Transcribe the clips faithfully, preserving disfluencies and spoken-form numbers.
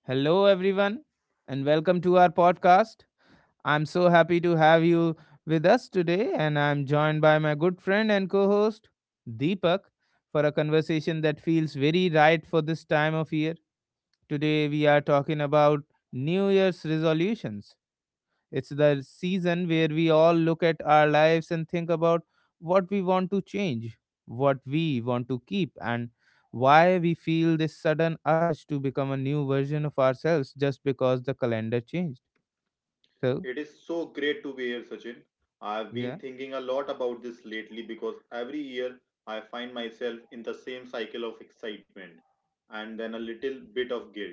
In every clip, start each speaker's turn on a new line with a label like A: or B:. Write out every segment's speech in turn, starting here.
A: Hello, everyone, and welcome to our podcast. I'm so happy to have you with us today, and I'm joined by my good friend and co host, Deepak, for a conversation that feels very right for this time of year. Today, we are talking about New Year's resolutions. It's the season where we all look at our lives and think about what we want to change, what we want to keep, and why we feel this sudden urge to become a new version of ourselves just because the calendar changed. So,
B: It is so great to be here, Sachin. I've
A: yeah,
B: been thinking a lot about this lately because every year I find myself in the same cycle of excitement and then a little bit of guilt.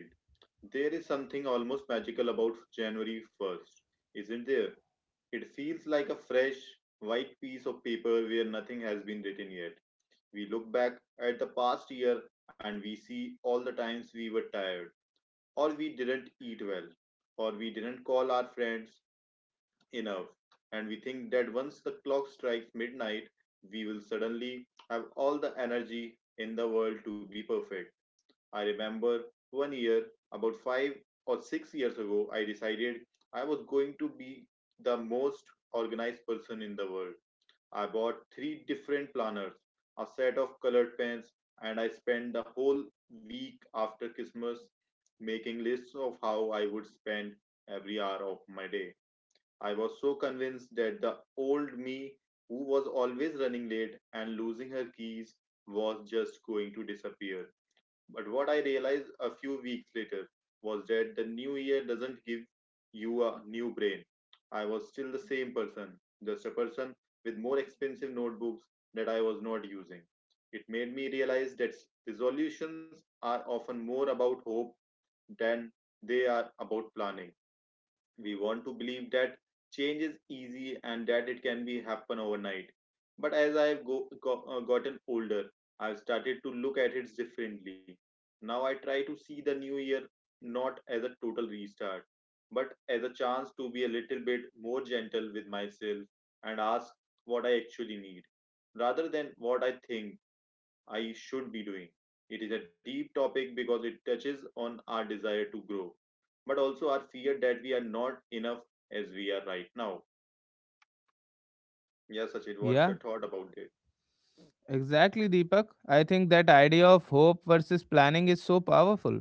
B: There is something almost magical about January first, isn't there? It feels like a fresh, white piece of paper where nothing has been written yet. We look back at the past year and we see all the times we were tired, or we didn't eat well, or we didn't call our friends enough, and we think that once the clock strikes midnight we will suddenly have all the energy in the world to be perfect. I remember one year about five or six years ago. I decided I was going to be the most organized person in the world. I bought three different planners, a set of colored pens, and I spent the whole week after Christmas making lists of how I would spend every hour of my day. I was so convinced that the old me, who was always running late and losing her keys, was just going to disappear. But what I realized a few weeks later was that the new year doesn't give you a new brain. I was still the same person, just a person with more expensive notebooks that I was not using. It made me realize that resolutions are often more about hope than they are about planning. We want to believe that change is easy and that it can be happen overnight, but as i've go, go, uh, gotten older, I've started to look at it differently. Now I try to see the new year not as a total restart, but as a chance to be a little bit more gentle with myself and ask what I actually need rather than what I think I should be doing. It is a deep topic because it touches on our desire to grow, but also our fear that we are not enough as we are right now. Yeah, Sachin, what's
A: yeah,
B: your thought about it?
A: exactly, Deepak. I think that idea of hope versus planning is so powerful.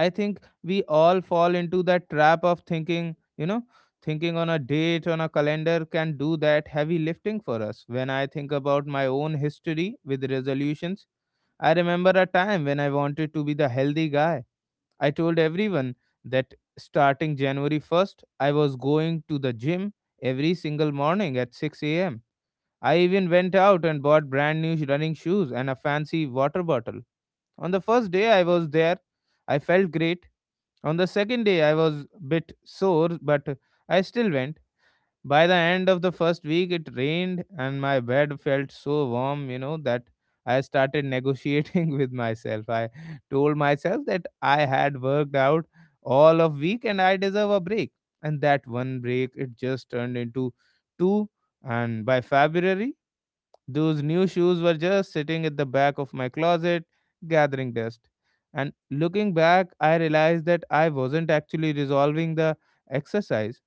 A: I think we all fall into that trap of thinking, you know, thinking on a date, on a calendar can do that heavy lifting for us. When I think about my own history with resolutions, I remember a time when I wanted to be the healthy guy. I told everyone that starting January first, I was going to the gym every single morning at six a m. I even went out and bought brand new running shoes and a fancy water bottle. On the first day I was there, I felt great. On the second day, I was a bit sore, but I still went. By the end of the first week, it rained, and my bed felt so warm, you know, that I started negotiating with myself. I told myself that I had worked out all of week and I deserve a break. And that one break, it just turned into two. And by February, those new shoes were just sitting at the back of my closet, gathering dust. And looking back, I realized that I wasn't actually resolving the exercise.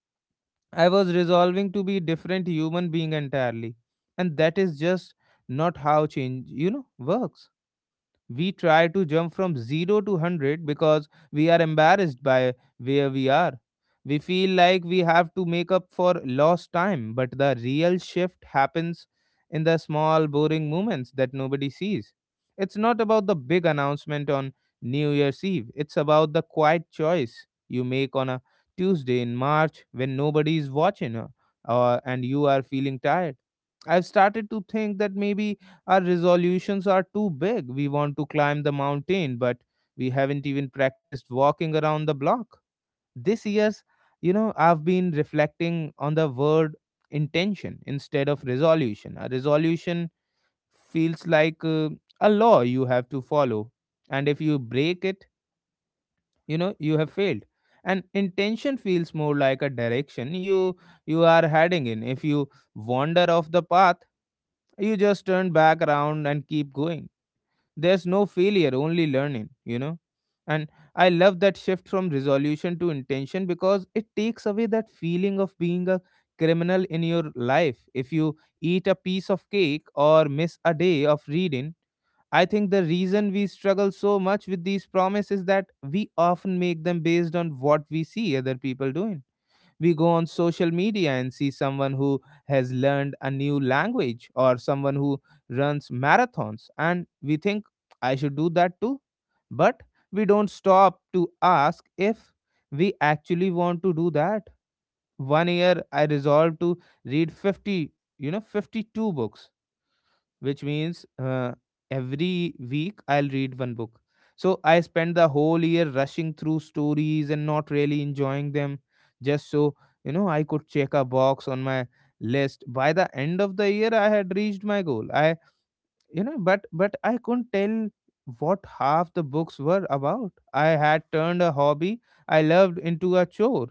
A: I was resolving to be different human being entirely. And that is just not how change, you know, works. We try to jump from zero to one hundred because we are embarrassed by where we are. We feel like we have to make up for lost time, but the real shift happens in the small, boring moments that nobody sees. It's not about the big announcement on New Year's Eve. It's about the quiet choice you make on a Tuesday in March when nobody is watching uh, uh, and you are feeling tired. I've started to think that maybe our resolutions are too big. We want to climb the mountain, but we haven't even practiced walking around the block. This year's, you know, I've been reflecting on the word intention instead of resolution. A resolution feels like uh, a law you have to follow, and if you break it, you know, you have failed. And intention feels more like a direction you you are heading in. If you wander off the path, you just turn back around and keep going. There's no failure, only learning, you know. And I love that shift from resolution to intention because it takes away that feeling of being a criminal in your life. If you eat a piece of cake or miss a day of reading, I think the reason we struggle so much with these promises is that we often make them based on what we see other people doing. We go on social media and see someone who has learned a new language or someone who runs marathons, and we think I should do that too. But we don't stop to ask if we actually want to do that. One year I resolved to read fifty you know fifty-two books, which means uh, every week I'll read one book. So I spent the whole year rushing through stories and not really enjoying them, just so you know I could check a box on my list. By the end of the year, I had reached my goal. I you know, but but I couldn't tell what half the books were about. I had turned a hobby I loved into a chore.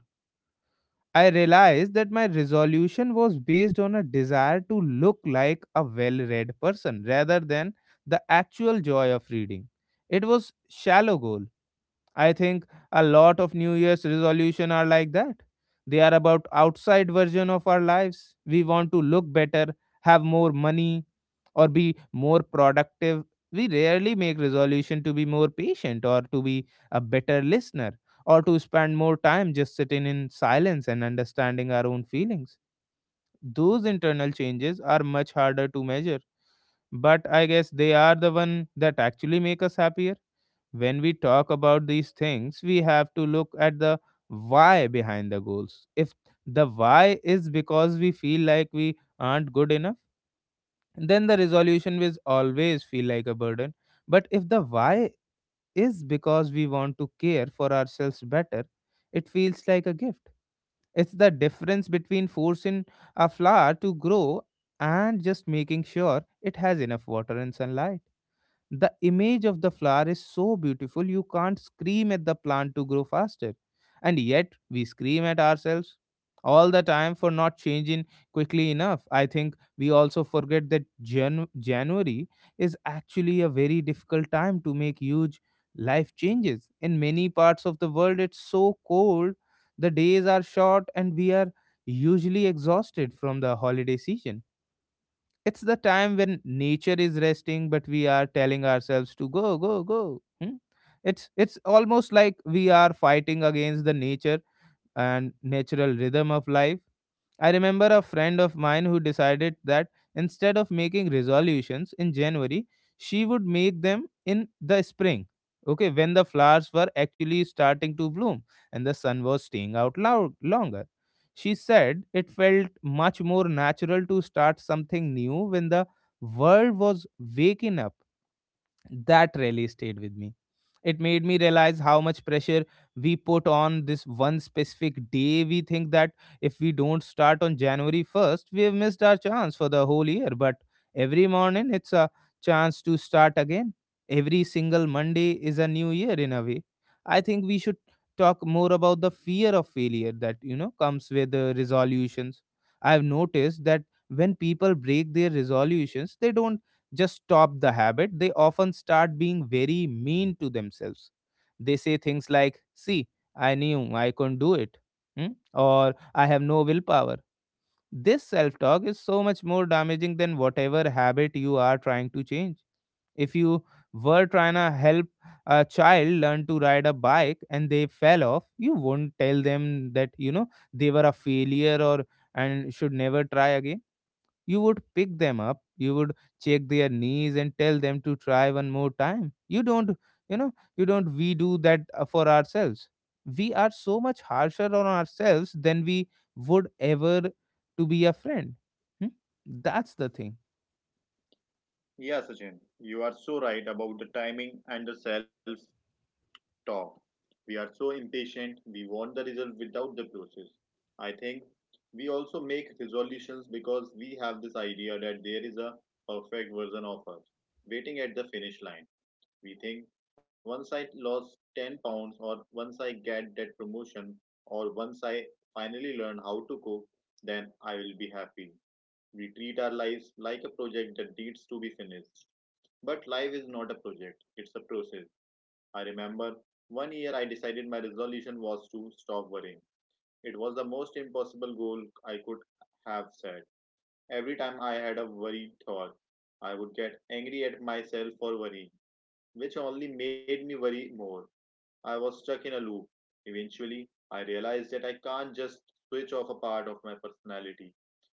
A: I realized that my resolution was based on a desire to look like a well read person rather than the actual joy of reading. It was shallow goal. I think a lot of new year's resolution are like that. They are about outside version of our lives. We want to look better, have more money, or be more productive. We rarely make resolution to be more patient or to be a better listener or to spend more time just sitting in silence and understanding our own feelings. Those internal changes are much harder to measure, but I guess they are the one that actually make us happier. When we talk about these things we have to look at the why behind the goals. If the why is because we feel like we aren't good enough, then the resolution will always feel like a burden. But if the why is because we want to care for ourselves better, it feels like a gift. It's the difference between forcing a flower to grow and just making sure it has enough water and sunlight. The image of the flower is so beautiful, you can't scream at the plant to grow faster. And yet, we scream at ourselves all the time for not changing quickly enough. I think we also forget that Jan- January is actually a very difficult time to make huge life changes. In many parts of the world, it's so cold, the days are short, and we are usually exhausted from the holiday season. It's the time when nature is resting, but we are telling ourselves to go, go, go. Hmm? It's it's almost like we are fighting against the nature and natural rhythm of life. I remember a friend of mine who decided that instead of making resolutions in January, she would make them in the spring. Okay, when the flowers were actually starting to bloom and the sun was staying out loud longer. She said it felt much more natural to start something new when the world was waking up. That really stayed with me. It made me realize how much pressure we put on this one specific day. We think that if we don't start on January first, we have missed our chance for the whole year. But every morning, it's a chance to start again. Every single Monday is a new year in a way. I think we should talk more about the fear of failure that you know comes with the resolutions. I've noticed that when people break their resolutions, they don't just stop the habit, they often start being very mean to themselves. They say things like, See, I knew I couldn't do it, hmm, or I have no willpower. This self talk is so much more damaging than whatever habit you are trying to change. If you were trying to help a child learn to ride a bike and they fell off, you won't tell them that, you know, they were a failure or and should never try again. You would pick them up, you would check their knees and tell them to try one more time. You don't, you know, you don't, We do that uh, for ourselves. We are so much harsher on ourselves than we would ever to be a friend. Hmm? That's the thing.
B: Yeah, Sachin, you are so right about the timing and the self talk. We are so impatient, we want the result without the process. I think we also make resolutions because we have this idea that there is a perfect version of us waiting at the finish line. We think once I lost ten pounds, or once I get that promotion, or once I finally learn how to cook, then I will be happy. We treat our lives like a project that needs to be finished. But life is not a project, it's a process. I remember one year I decided my resolution was to stop worrying. It was the most impossible goal I could have set. Every time I had a worried thought, I would get angry at myself for worrying, which only made me worry more. I was stuck in a loop. Eventually, I realized that I can't just switch off a part of my personality.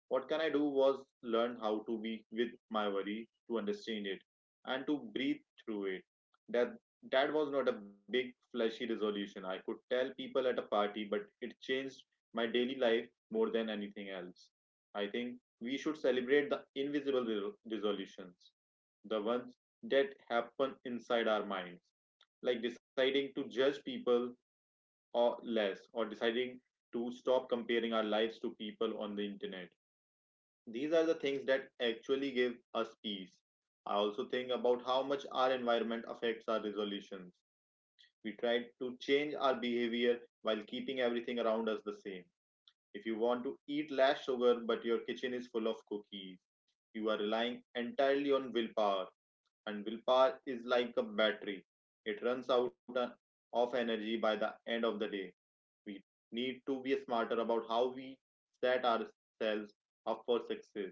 B: What can I do was learn how to be with my worry, to understand it, and to breathe through it. That that was not a big flashy resolution I could tell people at a party, but it changed my daily life more than anything else. I think we should celebrate the invisible re- resolutions, the ones that happen inside our minds, like deciding to judge people or less, or deciding to stop comparing our lives to people on the internet. These are the things that actually give us peace. I also think about how much our environment affects our resolutions. We try to change our behavior while keeping everything around us the same. If you want to eat less sugar but your kitchen is full of cookies, you are relying entirely on willpower, and willpower is like a battery, it runs out uh, of energy by the end of the day. We need to be smarter about how we set ourselves up for success.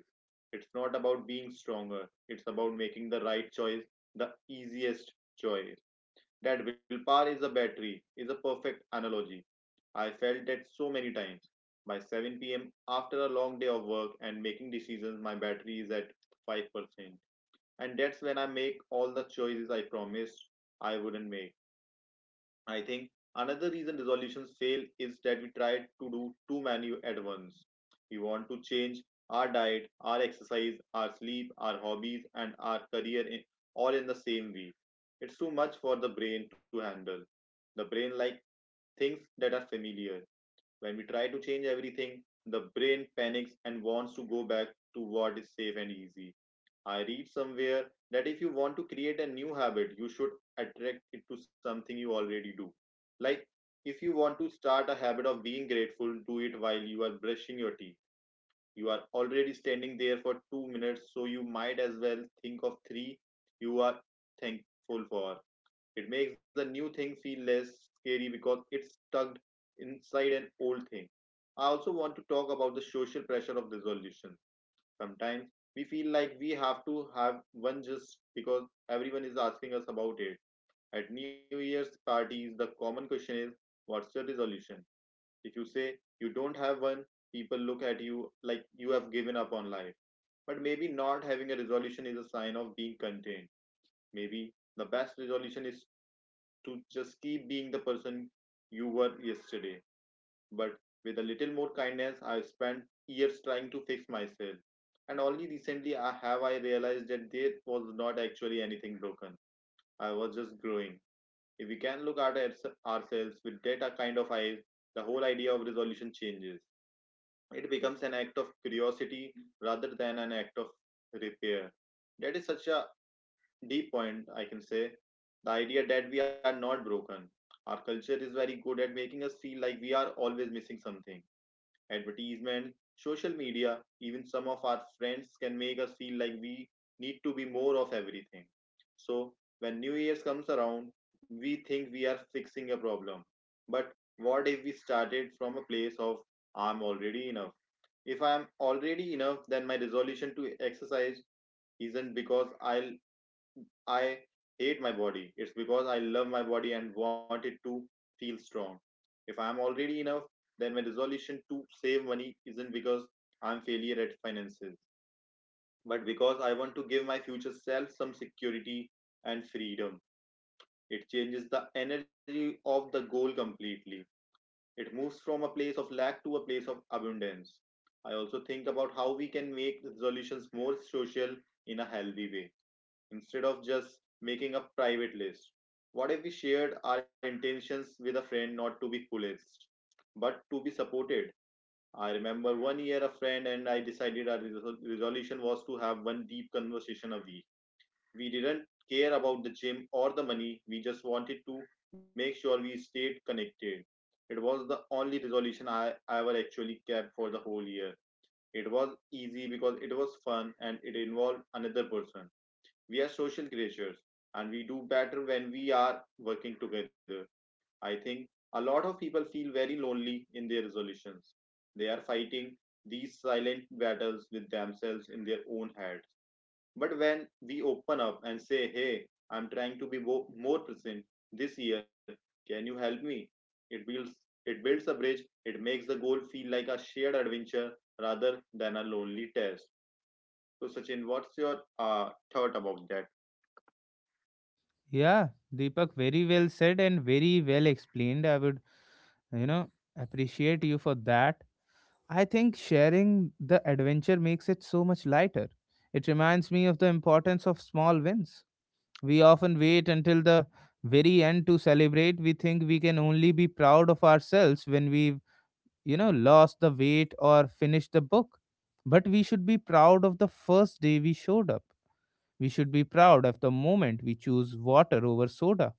B: It's not about being stronger, it's about making the right choice, the easiest choice. That willpower is a battery is a perfect analogy. I felt that so many times. By seven p m, after a long day of work and making decisions, my battery is at five percent, and that's when I make all the choices I promised I wouldn't make. I think another reason resolutions fail is that we try to do too many at once. We want to change our diet, our exercise, our sleep, our hobbies, and our career in, all in the same week. It's too much for the brain to handle. The brain likes things that are familiar. When we try to change everything, the brain panics and wants to go back to what is safe and easy. I read somewhere that if you want to create a new habit, you should attract it to something you already do. Like, if you want to start a habit of being grateful, do it while you are brushing your teeth. You are already standing there for two minutes, so you might as well think of three you are thankful for. It makes the new thing feel less scary because it's tucked inside an old thing. I also want to talk about the social pressure of resolution. Sometimes we feel like we have to have one just because everyone is asking us about it. At New Year's parties, the common question is, "What's your resolution?" If you say you don't have one, people look at you like you have given up on life. But maybe not having a resolution is a sign of being contained. Maybe the best resolution is to just keep being the person you were yesterday, but with a little more kindness. I spent years trying to fix myself, and only recently I have I realized that there was not actually anything broken. I was just growing. If we can look at ours- ourselves with that kind of eyes, the whole idea of resolution changes. It becomes an act of curiosity rather than an act of repair. That is such a deep point, I can say. The idea that we are not broken. Our culture is very good at making us feel like we are always missing something: advertisement, social media, even some of our friends can make us feel like we need to be more of everything. So when New Year's comes around, we think we are fixing a problem. But what if we started from a place of "I'm already enough"? If I am already enough, then my resolution to exercise isn't because I will I hate my body, it's because I love my body and want it to feel strong. If I am already enough, then my resolution to save money isn't because I'm failure at finances, but because I want to give my future self some security and freedom. It changes the energy of the goal completely. It moves from a place of lack to a place of abundance. I also think about how we can make resolutions more social in a healthy way instead of just making a private list. What if we shared our intentions with a friend not to be coolest, but to be supported? I remember one year a friend and I decided our resol- resolution was to have one deep conversation a week. We didn't care about the gym or the money, we just wanted to make sure we stayed connected. It was the only resolution I ever actually kept for the whole year. It was easy because it was fun and it involved another person. We are social creatures and we do better when we are working together. I think a lot of people feel very lonely in their resolutions. They are fighting these silent battles with themselves in their own heads. But when we open up and say, "Hey, I'm trying to be wo- more present this year, can you help me?" It builds, it builds a bridge, it makes the goal feel like a shared adventure rather than a lonely test. So, Sachin, what's your uh, thought about that?
A: Yeah, Deepak, very well said and very well explained. I would, you know, appreciate you for that. I think sharing the adventure makes it so much lighter. It reminds me of the importance of small wins. We often wait until the very end to celebrate. We think we can only be proud of ourselves when we've, you know, lost the weight or finished the book. But we should be proud of the first day we showed up. We should be proud of the moment we choose water over soda.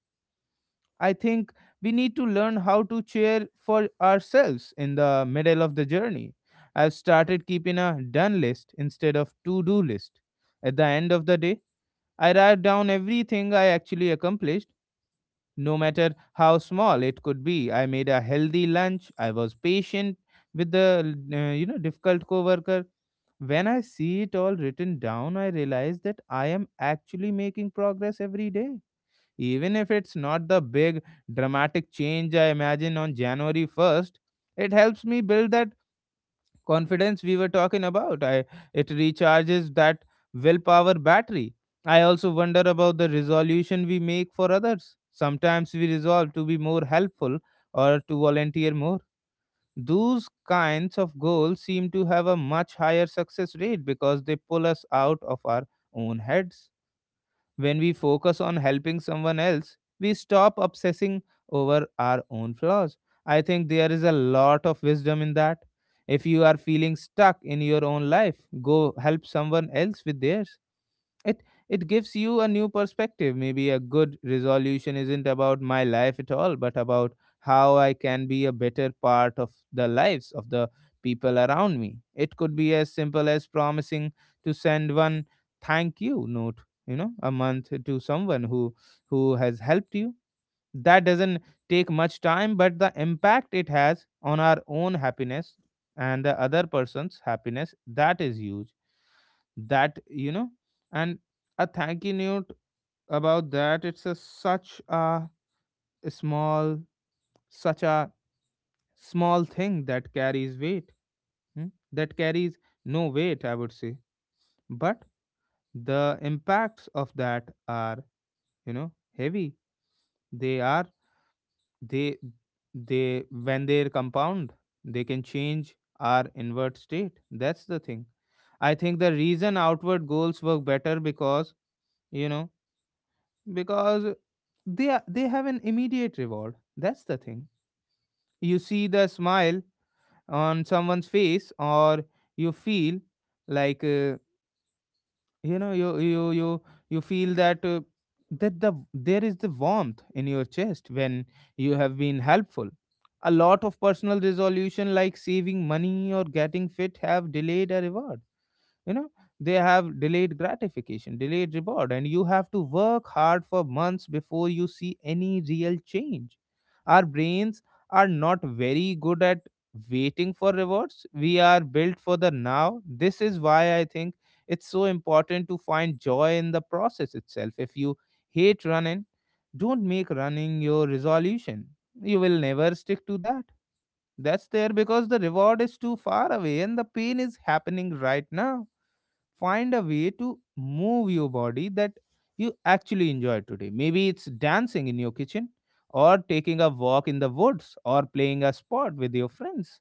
A: I think we need to learn how to cheer for ourselves in the middle of the journey. I've started keeping a done list instead of to do list. At the end of the day, I write down everything I actually accomplished, no matter how small it could be. I made a healthy lunch. I was patient with the uh, you know difficult coworker. When I see it all written down, I realize that I am actually making progress every day. Even if it's not the big dramatic change I imagine on January first, it helps me build that confidence we were talking about. I, it recharges that willpower battery. I also wonder about the resolution we make for others. Sometimes we resolve to be more helpful or to volunteer more. Those kinds of goals seem to have a much higher success rate because they pull us out of our own heads. When we focus on helping someone else, we stop obsessing over our own flaws. I think there is a lot of wisdom in that. If you are feeling stuck in your own life, go help someone else with theirs. It it gives you a new perspective. Maybe a good resolution isn't about my life at all, but about how I can be a better part of the lives of the people around me. It could be as simple as promising to send one thank you note, you know a month, to someone who who has helped you. That doesn't take much time, but the impact it has on our own happiness and the other person's happiness, that is huge. That you know and A thank you note about that, it's a such a small, such a small thing that carries weight. Hmm, that carries no weight, I would say. But the impacts of that are, you know heavy. They are they they when they compound, they can change our inward state. That's the thing. I think the reason outward goals work better, because you know because they are, they have an immediate reward. That's the thing. You see the smile on someone's face, or you feel like uh, you know you you you you feel that uh, that the there is the warmth in your chest when you have been helpful. A lot of personal resolution like saving money or getting fit have delayed a reward, you know they have delayed gratification, delayed reward, and you have to work hard for months before you see any real change. Our brains are not very good at waiting for rewards. We are built for the now. This is why I think it's so important to find joy in the process itself. If you hate running, don't make running your resolution. You will never stick to that that's there, because the reward is too far away and the pain is happening right now. Find a way to move your body that you actually enjoy today. Maybe it's dancing in your kitchen, or taking a walk in the woods, or playing a sport with your friends.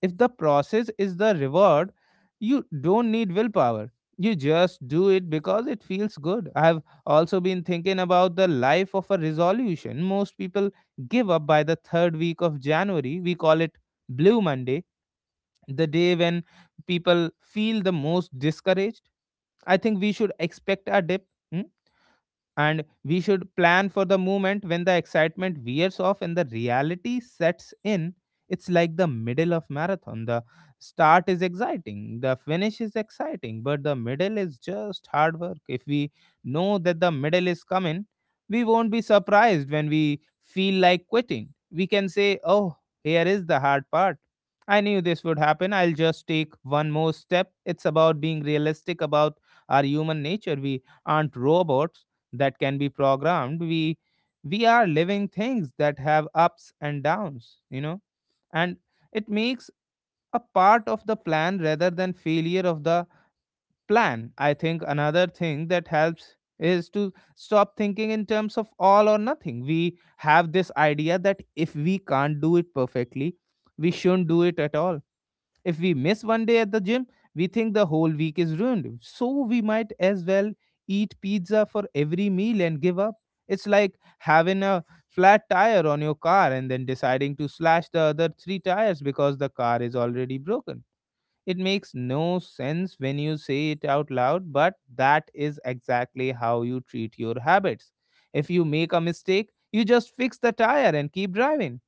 A: If the process is the reward, you don't need willpower. You just do it because it feels good. I have also been thinking about the life of a resolution. Most people give up by the third week of January. We call it Blue Monday, the day when people feel the most discouraged. I think we should expect a dip. Hmm? And we should plan for the moment when the excitement wears off and the reality sets in. It's like the middle of marathon. The start is exciting, the finish is exciting, but the middle is just hard work. If we know that the middle is coming, we won't be surprised when we feel like quitting. We can say, oh, here is the hard part. I knew this would happen. I'll just take one more step. It's about being realistic about our human nature. We aren't robots that can be programmed. We we are living things that have ups and downs, you know and it makes a part of the plan rather than failure of the plan. I think another thing that helps is to stop thinking in terms of all or nothing. We have this idea that if we can't do it perfectly, we shouldn't do it at all. If we miss one day at the gym, we think the whole week is ruined. So we might as well eat pizza for every meal and give up. It's like having a flat tire on your car and then deciding to slash the other three tires because the car is already broken. It makes no sense when you say it out loud, but that is exactly how you treat your habits. If you make a mistake, you just fix the tire and keep driving.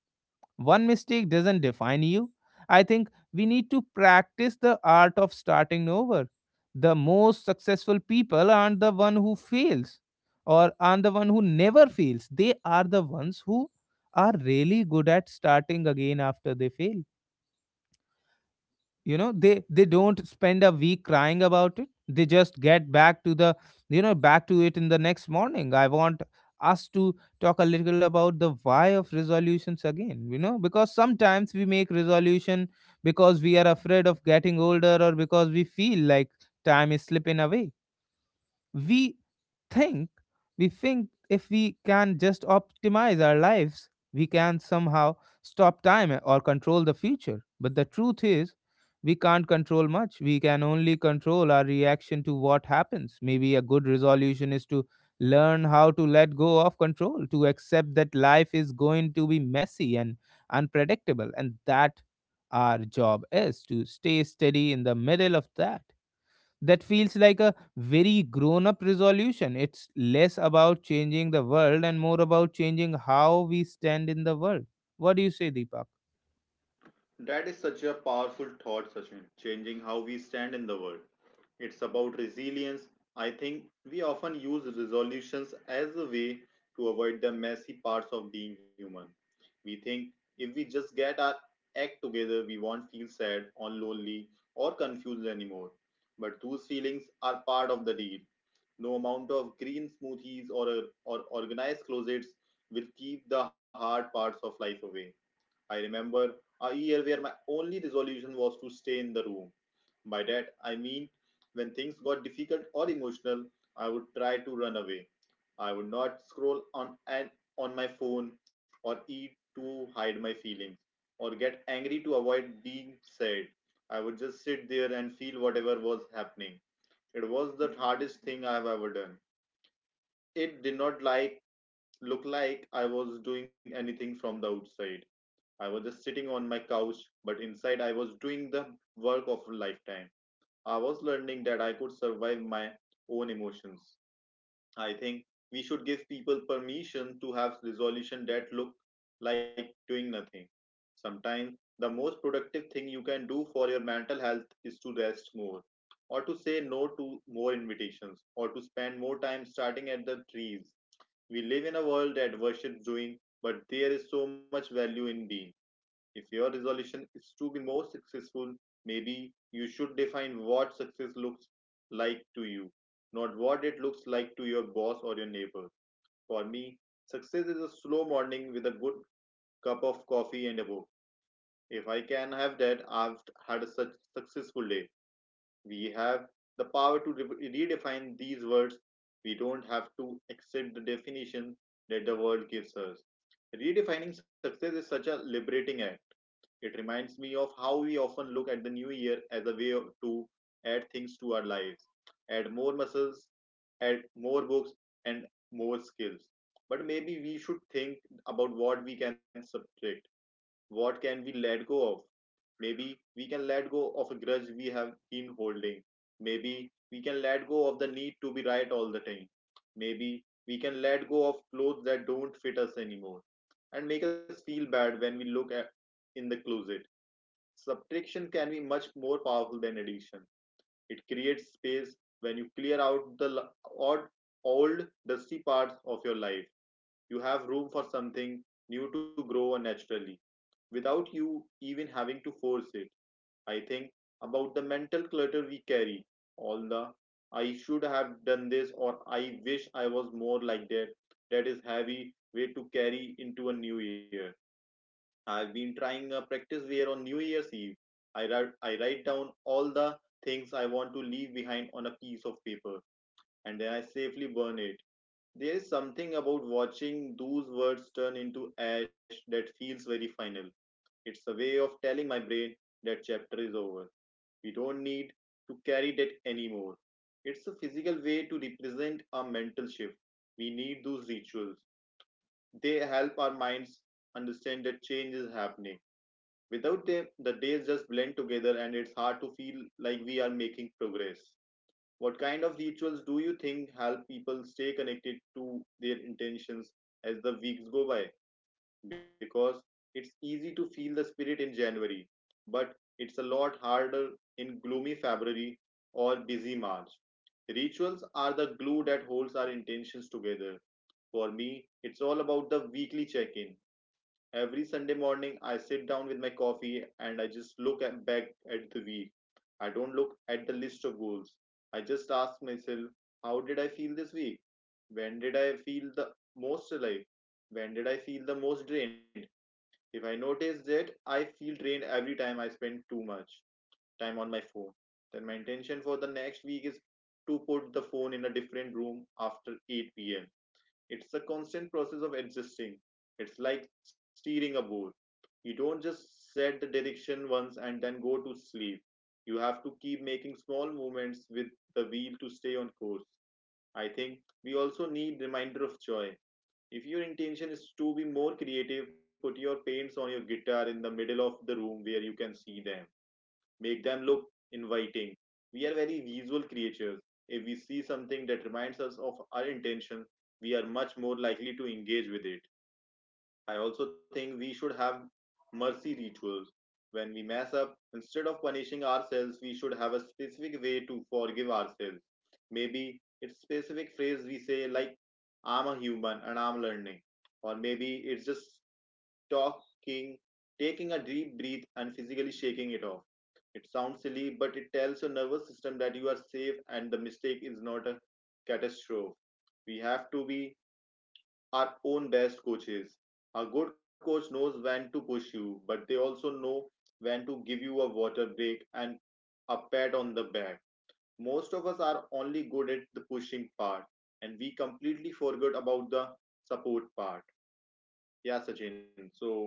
A: One mistake doesn't define you. I think we need to practice the art of starting over. The most successful people aren't the one who fails, or aren't the one who never fails. They are the ones who are really good at starting again after they fail. You know they they don't spend a week crying about it. They just get back to the, you know back to it in the next morning. I want us to talk a little about the why of resolutions again, you know because sometimes we make resolution because we are afraid of getting older, or because we feel like time is slipping away. We think we think if we can just optimize our lives, we can somehow stop time or control the future. But the truth is, we can't control much. We can only control our reaction to what happens. Maybe a good resolution is to learn how to let go of control, to accept that life is going to be messy and unpredictable, and that our job is to stay steady in the middle of that. That feels like a very grown up resolution. It's less about changing the world and more about changing how we stand in the world. What do you say, Deepak?
B: That is such a powerful thought, Sachin, changing how we stand in the world. It's about resilience. I think we often use resolutions as a way to avoid the messy parts of being human. We think if we just get our act together, we won't feel sad or lonely or confused anymore. But those feelings are part of the deal. No amount of green smoothies or, or organized closets will keep the hard parts of life away. I remember a year where my only resolution was to stay in the room. By that, I mean when things got difficult or emotional, I would try to run away. I would not scroll on and on my phone or eat to hide my feelings or get angry to avoid being sad. I would just sit there and feel whatever was happening. It was the hardest thing I have ever done. It did not like look like I was doing anything from the outside. I was just sitting on my couch, but inside I was doing the work of a lifetime. I was learning that I could survive my own emotions. I think we should give people permission to have resolution that look like doing nothing. Sometimes the most productive thing you can do for your mental health is to rest more or to say no to more invitations or to spend more time starting at the trees. We live in a world that worships doing, but there is so much value in being. If your resolution is to be more successful, maybe you should define what success looks like to you, not what it looks like to your boss or your neighbor. For me, success is a slow morning with a good cup of coffee and a book. If I can have that, I've had a such successful day. We have the power to re- redefine these words. We don't have to accept the definition that the world gives us. Redefining success is such a liberating act. It reminds me of how we often look at the new year as a way of- to add things to our lives, add more muscles, add more books, and more skills. But maybe we should think about what we can subtract, what can we let go of. Maybe we can let go of a grudge we have been holding. Maybe we can let go of the need to be right all the time. Maybe we can let go of clothes that don't fit us anymore and make us feel bad when we look at in the closet. Subtraction can be much more powerful than addition. It creates space. When you clear out the odd, old, dusty parts of your life, you have room for something new to grow naturally without you even having to force it. I think about the mental clutter we carry, all the I should have done this or I wish I was more like that. That is heavy weight to carry into a new year. I've been trying a practice where on New Year's Eve, I write, I write down all the things I want to leave behind on a piece of paper and then I safely burn it. There is something about watching those words turn into ash that feels very final. It's a way of telling my brain that chapter is over. We don't need to carry that anymore. It's a physical way to represent a mental shift. We need those rituals. They help our minds understand that change is happening. Without them, the days just blend together and it's hard to feel like we are making progress. What kind of rituals do you think help people stay connected to their intentions as the weeks go by? Because it's easy to feel the spirit in January, but it's a lot harder in gloomy February or busy March. Rituals are the glue that holds our intentions together. For me, it's all about the weekly check in. Every Sunday morning, I sit down with my coffee and I just look at, back at the week. I don't look at the list of goals. I just ask myself, how did I feel this week? When did I feel the most alive? When did I feel the most drained? If I notice that I feel drained every time I spend too much time on my phone, then my intention for the next week is to put the phone in a different room after eight p m. It's a constant process of adjusting. It's like steering a boat. You don't just set the direction once and then go to sleep. You have to keep making small movements with the wheel to stay on course. I think we also need reminder of joy. If your intention is to be more creative, put your paints on your guitar in the middle of the room where you can see them, make them look inviting. We are very visual creatures. If we see something that reminds us of our intention, we are much more likely to engage with it. I also think we should have mercy rituals. When we mess up, instead of punishing ourselves, we should have a specific way to forgive ourselves. Maybe it's specific phrase we say like I'm a human and I'm learning. Or maybe it's just talking, taking a deep breath and physically shaking it off. It sounds silly, but it tells your nervous system that you are safe and the mistake is not a catastrophe. We have to be our own best coaches. A good coach knows when to push you, but they also know when to give you a water break and a pat on the back. Most of us are only good at the pushing part, and we completely forgot about the support part. Yeah, Sachin. So,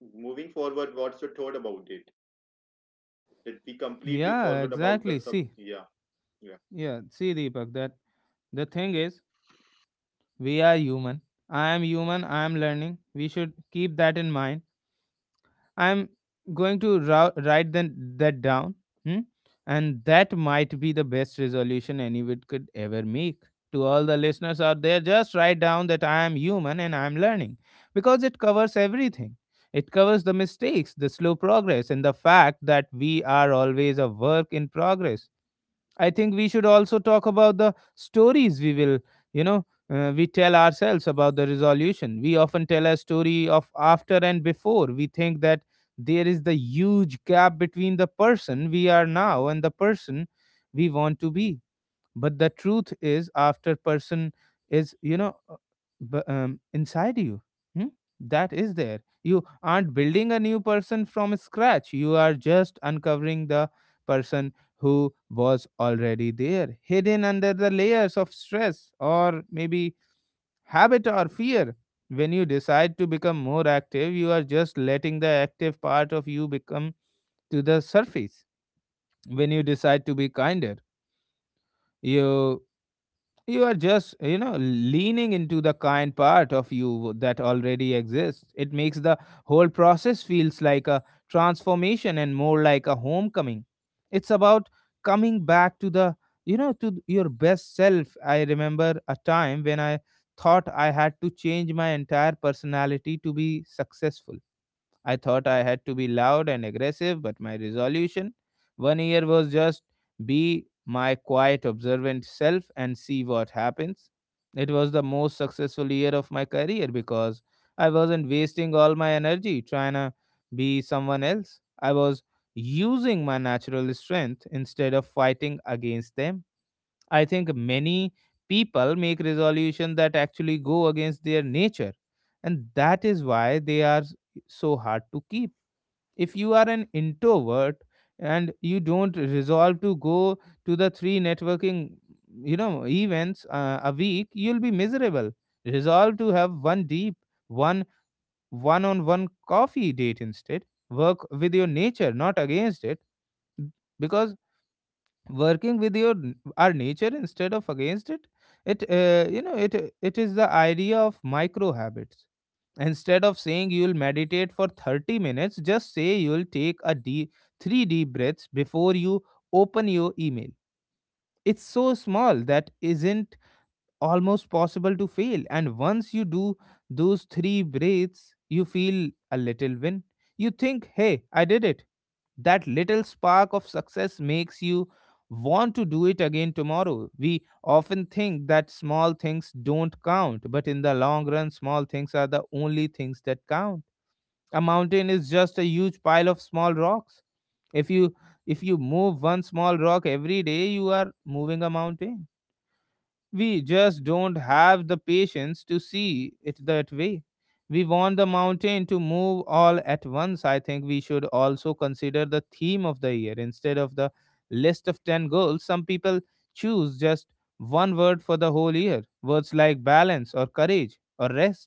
B: moving forward, what's your thought about it? That we completely
A: Yeah,
B: forgot
A: exactly.
B: about the
A: See,
B: sub. Yeah, yeah.
A: yeah, see, Deepak, that the thing is, we are human. I am human. I am learning. We should keep that in mind. I'm going to ra- write then that down. Hmm? And that might be the best resolution anyone could ever make. To all the listeners out there, just write down that I am human and I am learning, because it covers everything. It covers the mistakes, the slow progress, and the fact that we are always a work in progress. I think we should also talk about the stories we will, you know, uh, we tell ourselves about the resolution. We often tell a story of after and before. We think that there is the huge gap between the person we are now and the person we want to be. But the truth is, after person is you know uh, b- um, inside you. Hmm? That is there. You aren't building a new person from scratch. You are just uncovering the person who was already there, hidden under the layers of stress, or maybe habit or fear. When you decide to become more active, you are just letting the active part of you become to the surface. When you decide to be kinder, you You are just, you know, leaning into the kind part of you that already exists. It makes the whole process feels like a transformation and more like a homecoming. It's about coming back to the, you know, to your best self. I remember a time when I thought I had to change my entire personality to be successful. I thought I had to be loud and aggressive, but my resolution one year was just be my quiet, observant self and see what happens. It was the most successful year of my career because I wasn't wasting all my energy trying to be someone else. I was using my natural strength instead of fighting against them. I think many people make resolutions that actually go against their nature, and that is why they are so hard to keep. If you are an introvert and you don't resolve to go to the three networking, you know, events uh, a week, you'll be miserable. Resolve to have one deep, one one-on-one coffee date instead. Work with your nature, not against it. Because working with your n- our nature instead of against it, it uh, you know it it is the idea of micro habits. Instead of saying you'll meditate for thirty minutes, just say you'll take a deep three deep breaths before you open your email. It's so small that isn't almost possible to fail. And once you do those three breaths, you feel a little win. You think, hey, I did it. That little spark of success makes you want to do it again tomorrow. We often think that small things don't count, but in the long run, small things are the only things that count. A mountain is just a huge pile of small rocks. If you if you move one small rock every day, you are moving a mountain. We just don't have the patience to see it that way. We want the mountain to move all at once. I think we should also consider the theme of the year instead of the list of ten goals. Some people choose just one word for the whole year, words like balance or courage or rest.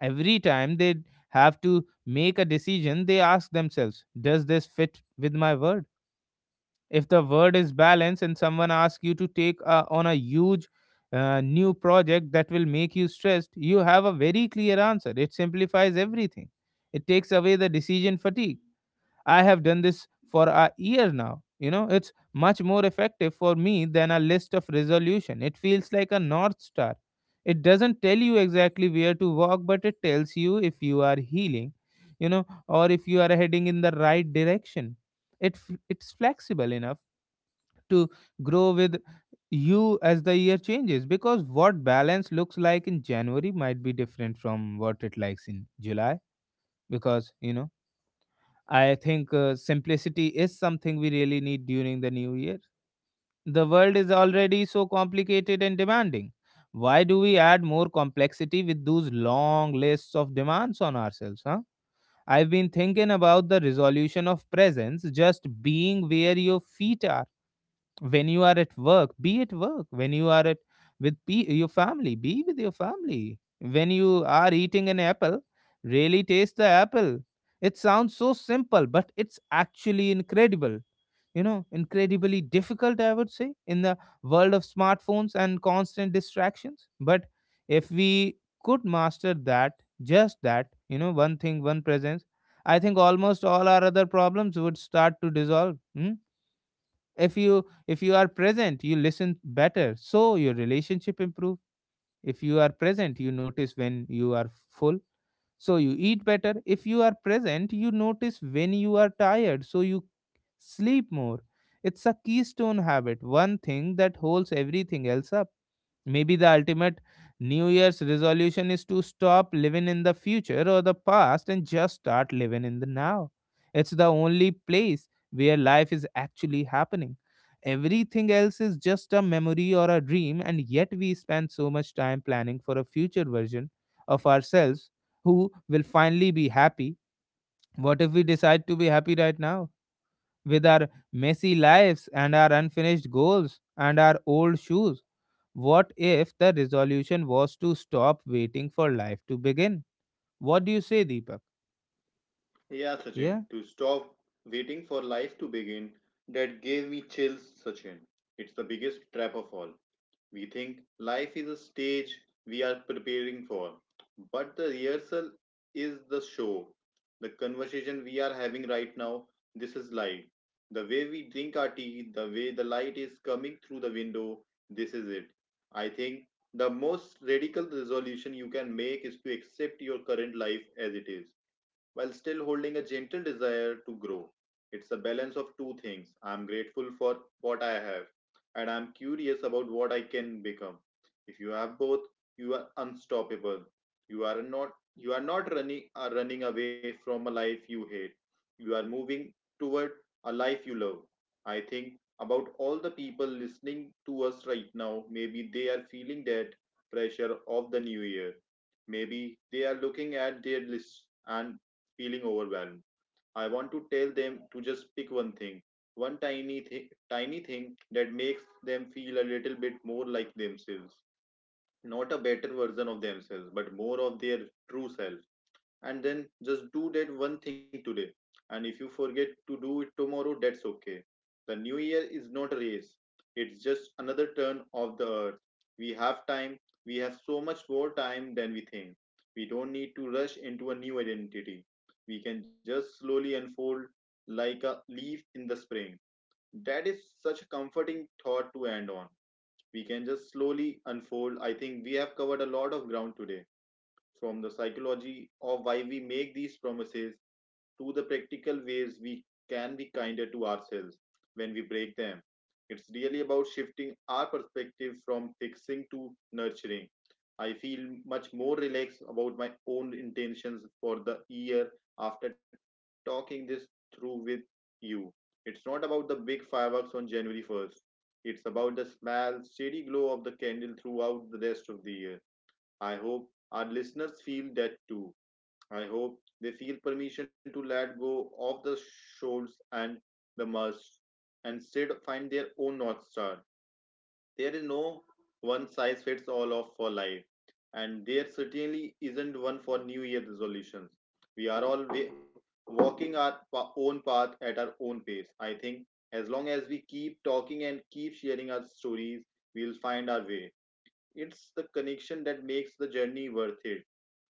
A: Every time they have to make a decision, they ask themselves, does this fit with my word? If the word is balance and someone asks you to take uh, on a huge uh, new project that will make you stressed, you have a very clear answer. It simplifies everything. It takes away the decision fatigue. I have done this for a year now. You know it's much more effective for me than a list of resolution. It feels like a north star. It doesn't tell you exactly where to walk, but it tells you if you are healing, you know or if you are heading in the right direction. It f- it's flexible enough to grow with you as the year changes, because what balance looks like in January might be different from what it likes in July. Because you know I think uh, simplicity is something we really need during the new year. The world is already so complicated and demanding. Why do we add more complexity with those long lists of demands on ourselves, huh? I've been thinking about the resolution of presence, just being where your feet are. When you are at work, be at work. When you are at with pe your family, be with your family. When you are eating an apple, really taste the apple. It sounds so simple, but it's actually incredible, you know incredibly difficult, I would say, in the world of smartphones and constant distractions. But if we could master that, just that, you know one thing, one presence, I think almost all our other problems would start to dissolve. Hmm. If you if you are present, you listen better, so your relationship improve. If you are present, you notice when you are full, so you eat better. If you are present, you notice when you are tired, so you sleep more. It's a keystone habit, one thing that holds everything else up. Maybe the ultimate New Year's resolution is to stop living in the future or the past and just start living in the now. It's the only place where life is actually happening. Everything else is just a memory or a dream, and yet we spend so much time planning for a future version of ourselves who will finally be happy. What if we decide to be happy right now, with our messy lives and our unfinished goals and our old shoes? What if the resolution was to stop waiting for life to begin? What do you say, Deepak?
B: Yeah,
A: Yeah,
B: Sachin, to stop waiting for life to begin, that gave me chills, Sachin. It's the biggest trap of all. We think life is a stage we are preparing for, but the rehearsal is the show. The conversation we are having right now, this is life. The way we drink our tea, the way the light is coming through the window, this is it. I think the most radical resolution you can make is to accept your current life as it is while still holding a gentle desire to grow. It's a balance of two things. I'm grateful for what I have, and I'm curious about what I can become. If you have both, you are unstoppable. You are not you are not running are running away from a life you hate. You are moving toward a life you love. I think about all the people listening to us right now. Maybe they are feeling that pressure of the new year. Maybe they are looking at their list and feeling overwhelmed. I want to tell them to just pick one thing, one tiny thing, tiny thing that makes them feel a little bit more like themselves. Not a better version of themselves, but more of their true self. And then just do that one thing today. And if you forget to do it tomorrow, that's okay. The new year is not a race, it's just another turn of the earth. We have time. We have so much more time than we think. We don't need to rush into a new identity. We can just slowly unfold, like a leaf in the spring. That is such a comforting thought to end on. We can just slowly unfold. I think we have covered a lot of ground today, from the psychology of why we make these promises to the practical ways we can be kinder to ourselves when we break them. It's really about shifting our perspective from fixing to nurturing. I feel much more relaxed about my own intentions for the year after talking this through with you. It's not about the big fireworks on January first. It's about the small, steady glow of the candle throughout the rest of the year. I hope our listeners feel that too. I hope they feel permission to let go of the shoals and the must and instead find their own North Star. There is no one size fits all of for life, and there certainly isn't one for New Year resolutions. We are all wa- walking our pa- own path at our own pace. I think as long as we keep talking and keep sharing our stories, we'll find our way. It's the connection that makes the journey worth it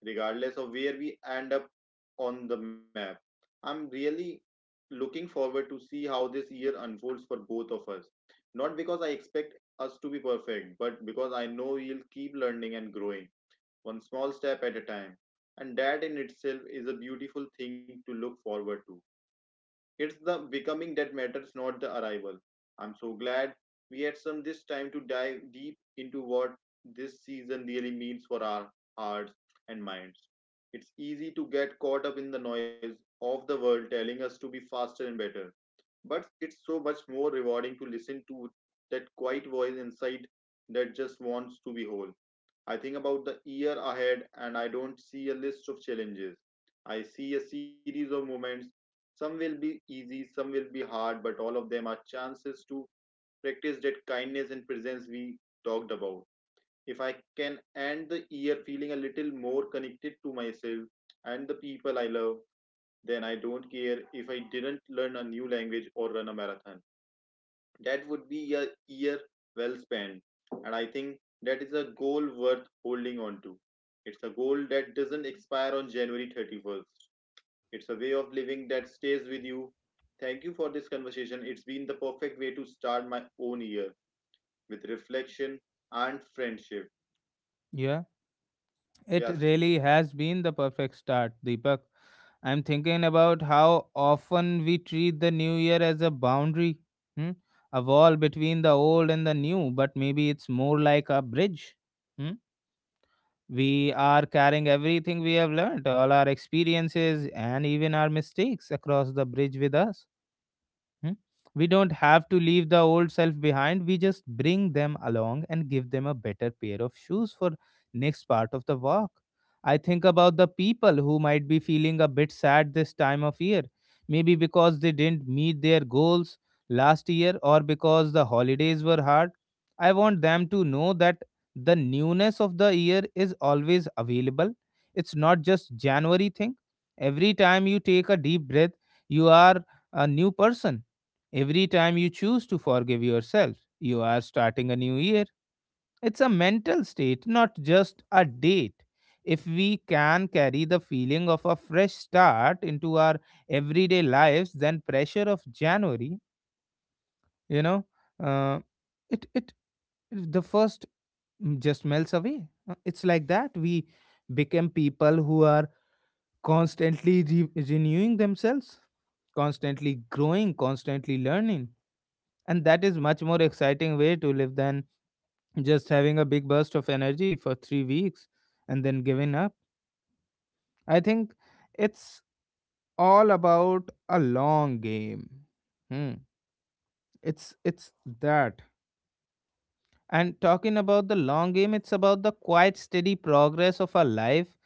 B: regardless of where we end up on the map. I'm really looking forward to see how this year unfolds for both of us. Not because I expect us to be perfect, but because I know we'll keep learning and growing, one small step at a time. And that in itself is a beautiful thing to look forward to. It's the becoming that matters, not the arrival. I'm so glad we had some this time to dive deep into what this season really means for our hearts and minds. It's easy to get caught up in the noise of the world telling us to be faster and better, but it's so much more rewarding to listen to that quiet voice inside that just wants to be whole. I think about the year ahead and I don't see a list of challenges. I see a series of moments. Some will be easy, some will be hard, but all of them are chances to practice that kindness and presence we talked about. If I can end the year feeling a little more connected to myself and the people I love, then I don't care if I didn't learn a new language or run a marathon. That would be a year well spent. And I think that is a goal worth holding on to. It's a goal that doesn't expire on January thirty-first. It's a way of living that stays with you. Thank you for this conversation. It's been the perfect way to start my own year with reflection and friendship.
A: yeah. It
B: Yes.
A: really has been the perfect start, Deepak. I'm thinking about how often we treat the new year as a boundary, hmm? a wall between the old and the new, but maybe it's more like a bridge. Hmm? We are carrying everything we have learned, all our experiences, and even our mistakes across the bridge with us. Hmm? We don't have to leave the old self behind. We just bring them along and give them a better pair of shoes for next part of the walk. I think about the people who might be feeling a bit sad this time of year, maybe because they didn't meet their goals last year or because the holidays were hard. I want them to know that the newness of the year is always available. It's not just January thing. Every time you take a deep breath, you are a new person. Every time you choose to forgive yourself, you are starting a new year. It's a mental state, not just a date. If we can carry the feeling of a fresh start into our everyday lives, then pressure of January, you know, uh, it it the first just melts away. Uh, It's like that. We become people who are constantly re- renewing themselves, constantly growing, constantly learning, and that is much more exciting way to live than just having a big burst of energy for three weeks and then giving up. I think it's all about a long game. Hmm. it's it's that. And talking about the long game, it's about the quite steady progress of our life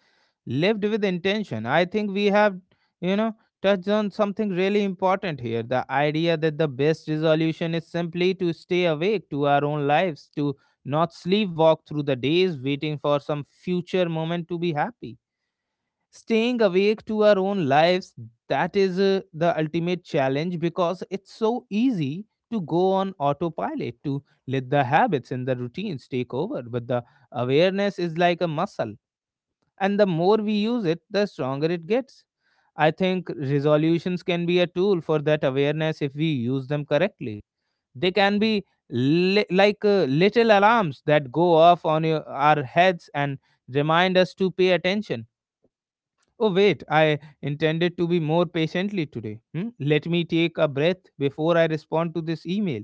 A: lived with intention. I think we have, you know, touched on something really important here, the idea that the best resolution is simply to stay awake to our own lives, to not sleepwalk through the days waiting for some future moment to be happy. Staying awake to our own lives, that is uh, the ultimate challenge, because it's so easy to go on autopilot, to let the habits and the routines take over. But the awareness is like a muscle, and the more we use it, the stronger it gets. I think resolutions can be a tool for that awareness if we use them correctly. They can be li- like uh, little alarms that go off on your, our heads and remind us to pay attention. Oh wait, I intended to be more patiently today. Hmm? Let me take a breath before I respond to this email.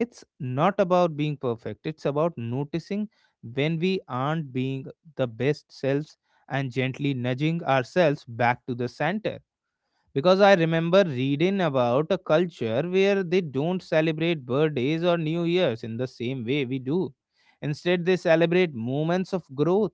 A: It's not about being perfect, it's about noticing when we aren't being the best selves and gently nudging ourselves back to the center. Because I remember reading about a culture where they don't celebrate birthdays or New Year's in the same way we do. Instead, they celebrate moments of growth.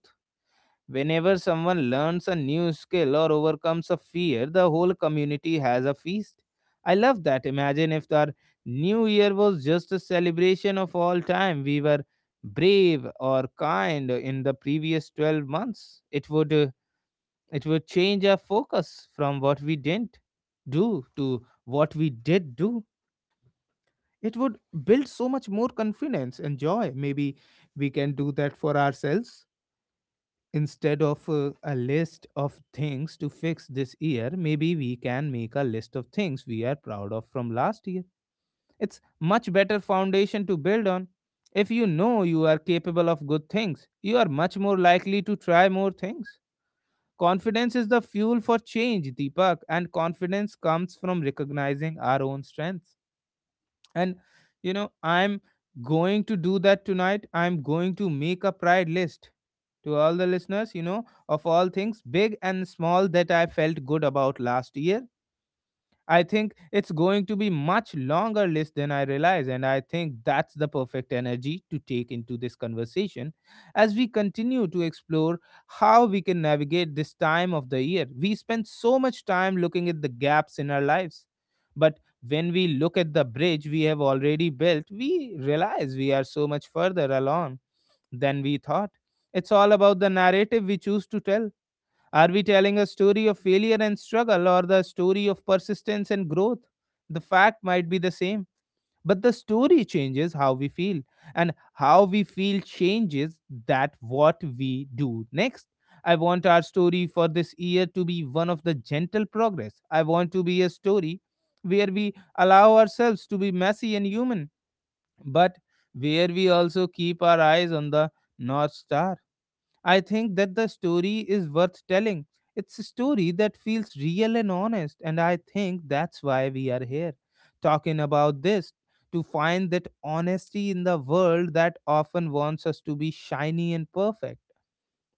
A: Whenever someone learns a new skill or overcomes a fear, the whole community has a feast. I love that. Imagine if our new year was just a celebration of all time. We were brave or kind in the previous twelve months. It would uh, it would change our focus from what we didn't do to what we did do. It would build so much more confidence and joy. Maybe we can do that for ourselves. Instead of uh, a list of things to fix this year, maybe we can make a list of things we are proud of from last year. It's much better foundation to build on. If you know you are capable of good things, you are much more likely to try more things. Confidence is the fuel for change, Deepak, and confidence comes from recognizing our own strengths. And you know I'm going to do that tonight. I'm going to make a pride list to all the listeners, you know of all things big and small that I felt good about last year. I think it's going to be much longer list than I realize, and I think that's the perfect energy to take into this conversation as we continue to explore how we can navigate this time of the year. We spend so much time looking at the gaps in our lives, but when we look at the bridge we have already built, we realize we are so much further along than we thought. It's all about the narrative we choose to tell. Are we telling a story of failure and struggle, or the story of persistence and growth? The fact might be the same, but the story changes how we feel, and how we feel changes that what we do next. I want our story for this year to be one of the gentle progress. I want to be a story where we allow ourselves to be messy and human, but where we also keep our eyes on the North Star. I think that the story is worth telling. It's a story that feels real and honest, and I think that's why we are here talking about this, to find that honesty in the world that often wants us to be shiny and perfect.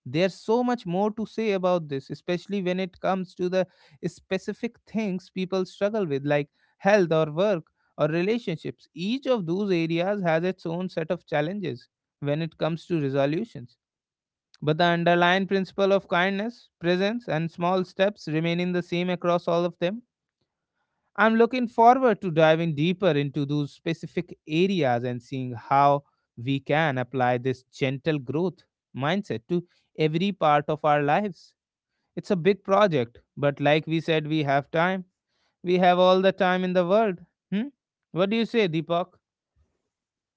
A: There's so much more to say about this, especially when it comes to the specific things people struggle with, like health or work or relationships. Each of those areas has its own set of challenges when it comes to resolutions, but the underlying principle of kindness, presence, and small steps remaining the same across all of them. I'm looking forward to diving deeper into those specific areas and seeing how we can apply this gentle growth mindset to every part of our lives. It's a big project, but like we said, we have time. We have all the time in the world. Hmm? What do you say, Deepak?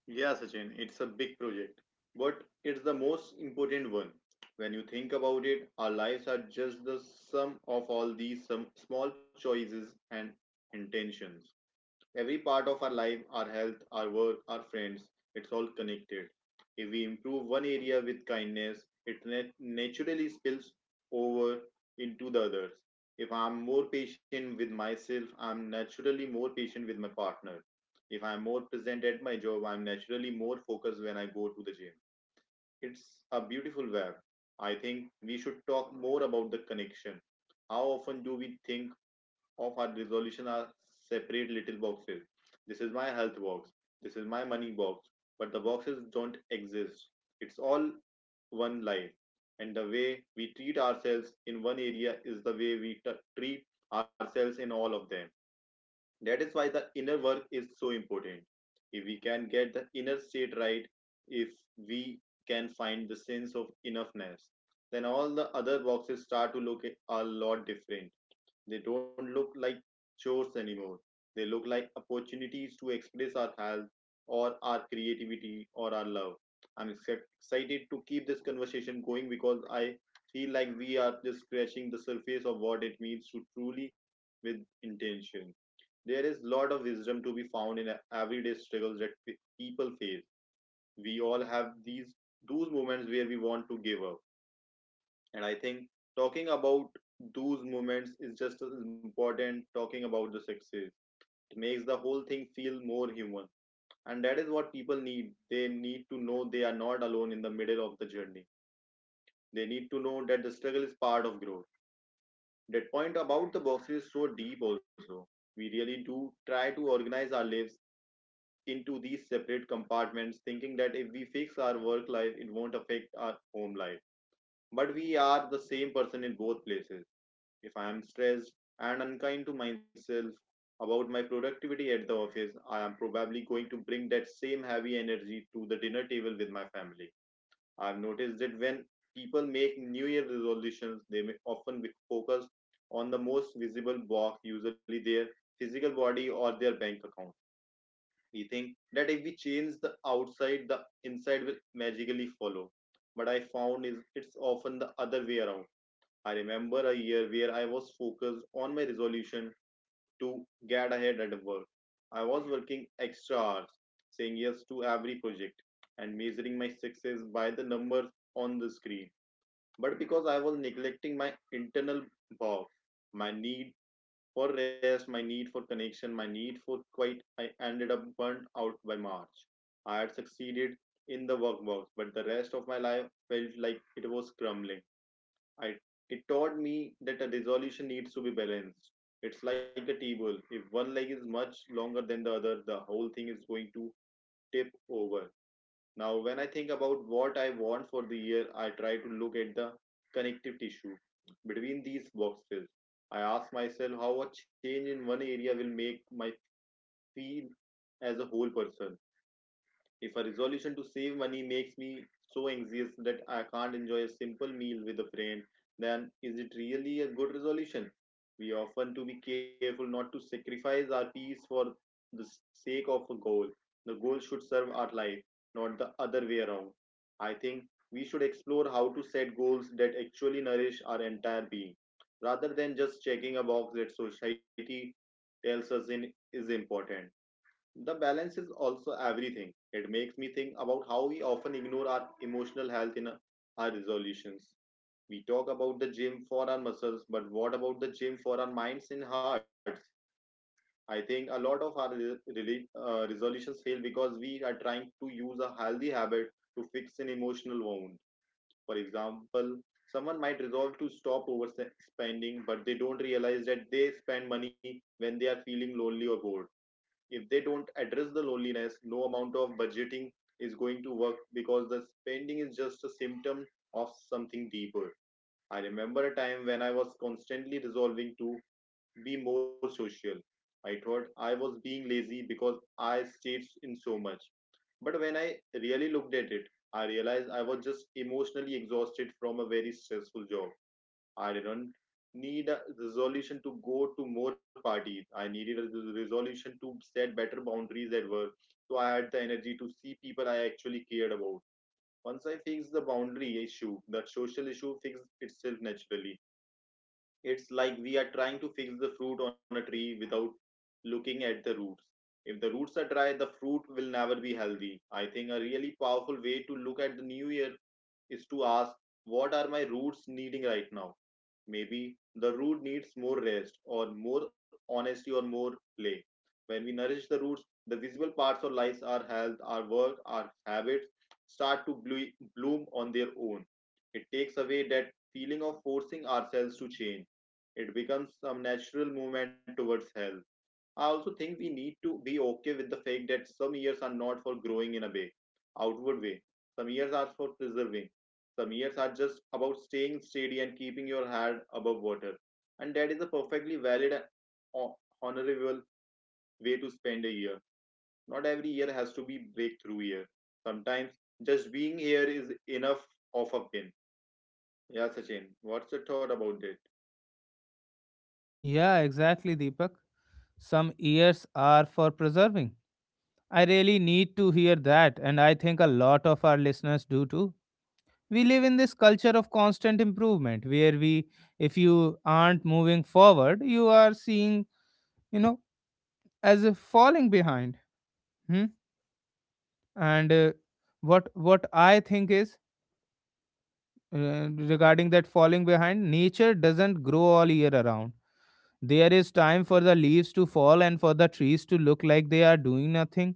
B: Yeah, Sachin, it's a big project, but it's the most important one. When you think about it, our lives are just the sum of all these some small choices and intentions. Every part of our life, our health, our work, our friends, it's all connected. If we improve one area with kindness, it nat- naturally spills over into the others. If I'm more patient with myself, I'm naturally more patient with my partner. If I'm more present at my job, I'm naturally more focused when I go to the gym. It's a beautiful web. I think we should talk more about the connection. How often do we think of our resolution as separate little boxes? This is my health box. This is my money box. But the boxes don't exist. It's all one life. And the way we treat ourselves in one area is the way we t- treat ourselves in all of them. That is why the inner work is so important. If we can get the inner state right, if we can find the sense of enoughness, then all the other boxes start to look a lot different. They don't look like chores anymore. They look like opportunities to express our health or our creativity or our love. I'm excep- excited to keep this conversation going because I feel like we are just scratching the surface of what it means to truly with intention. There is lot of wisdom to be found in everyday struggles that pe- people face. We all have these those moments where we want to give up, and I think talking about those moments is just as important talking about the success. It makes the whole thing feel more human, and that is what people need. They need to know they are not alone in the middle of the journey. They need to know that the struggle is part of growth. That point about the boxes is so deep also. We really do try to organize our lives into these separate compartments, thinking that if we fix our work life, it won't affect our home life. But we are the same person in both places. If I am stressed and unkind to myself about my productivity at the office, I am probably going to bring that same heavy energy to the dinner table with my family. I've noticed that when people make New Year resolutions, they may often focus on the most visible block, usually their physical body or their bank account. We think that if we change the outside, the inside will magically follow. But I found is it's often the other way around. I remember a year where I was focused on my resolution to get ahead at work. I was working extra hours, saying yes to every project, and measuring my success by the numbers on the screen. But because I was neglecting my internal boss, my need for rest, my need for connection, my need for quiet, I ended up burnt out by March. I had succeeded in the workbox, but the rest of my life felt like it was crumbling. I, it taught me that a resolution needs to be balanced. It's like a table. If one leg is much longer than the other, the whole thing is going to tip over. Now, when I think about what I want for the year, I try to look at the connective tissue between these boxes. I ask myself how a change in one area will make my feel as a whole person. If a resolution to save money makes me so anxious that I can't enjoy a simple meal with a friend, then is it really a good resolution? We often to be careful not to sacrifice our peace for the s- sake of a goal. The goal should serve our life, not the other way around. I think we should explore how to set goals that actually nourish our entire being, rather than just checking a box that society tells us in, is important. The balance is also everything. It makes me think about how we often ignore our emotional health in our resolutions. We talk about the gym for our muscles, but what about the gym for our minds and hearts? I think a lot of our re- rela- uh, resolutions fail because we are trying to use a healthy habit to fix an emotional wound. For example, someone might resolve to stop overspending, but they don't realize that they spend money when they are feeling lonely or bored. If they don't address the loneliness, no amount of budgeting is going to work because the spending is just a symptom of something deeper. I remember a time when I was constantly resolving to be more social. I thought I was being lazy because I stayed in so much, but when I really looked at it, I realized I was just emotionally exhausted from a very stressful job. I didn't need a resolution to go to more parties. I needed a resolution to set better boundaries at work. So I had the energy to see people I actually cared about. Once I fixed the boundary issue, the social issue fixed itself naturally. It's like we are trying to fix the fruit on a tree without looking at the roots. If the roots are dry, the fruit will never be healthy. I think a really powerful way to look at the new year is to ask, what are my roots needing right now? Maybe the root needs more rest or more honesty or more play. When we nourish the roots, the visible parts of lives, our health, our work, our habits start to blo- bloom on their own. It takes away that feeling of forcing ourselves to change. It becomes some natural movement towards health. I also think we need to be okay with the fact that some years are not for growing in a way, outward way. Some years are for preserving. Some years are just about staying steady and keeping your head above water. And that is a perfectly valid and ho- honorable way to spend a year. Not every year has to be breakthrough year. Sometimes just being here is enough of a win. Yeah, Sachin, what's your thought about it?
A: Yeah, exactly, Deepak. Some ears are for preserving. I really need to hear that, and I think a lot of our listeners do too. We live in this culture of constant improvement where we, if you aren't moving forward, you are seeing, you know, as if falling behind. Hmm? And uh, what what I think is Uh, regarding that falling behind, nature doesn't grow all year around. There is time for the leaves to fall and for the trees to look like they are doing nothing.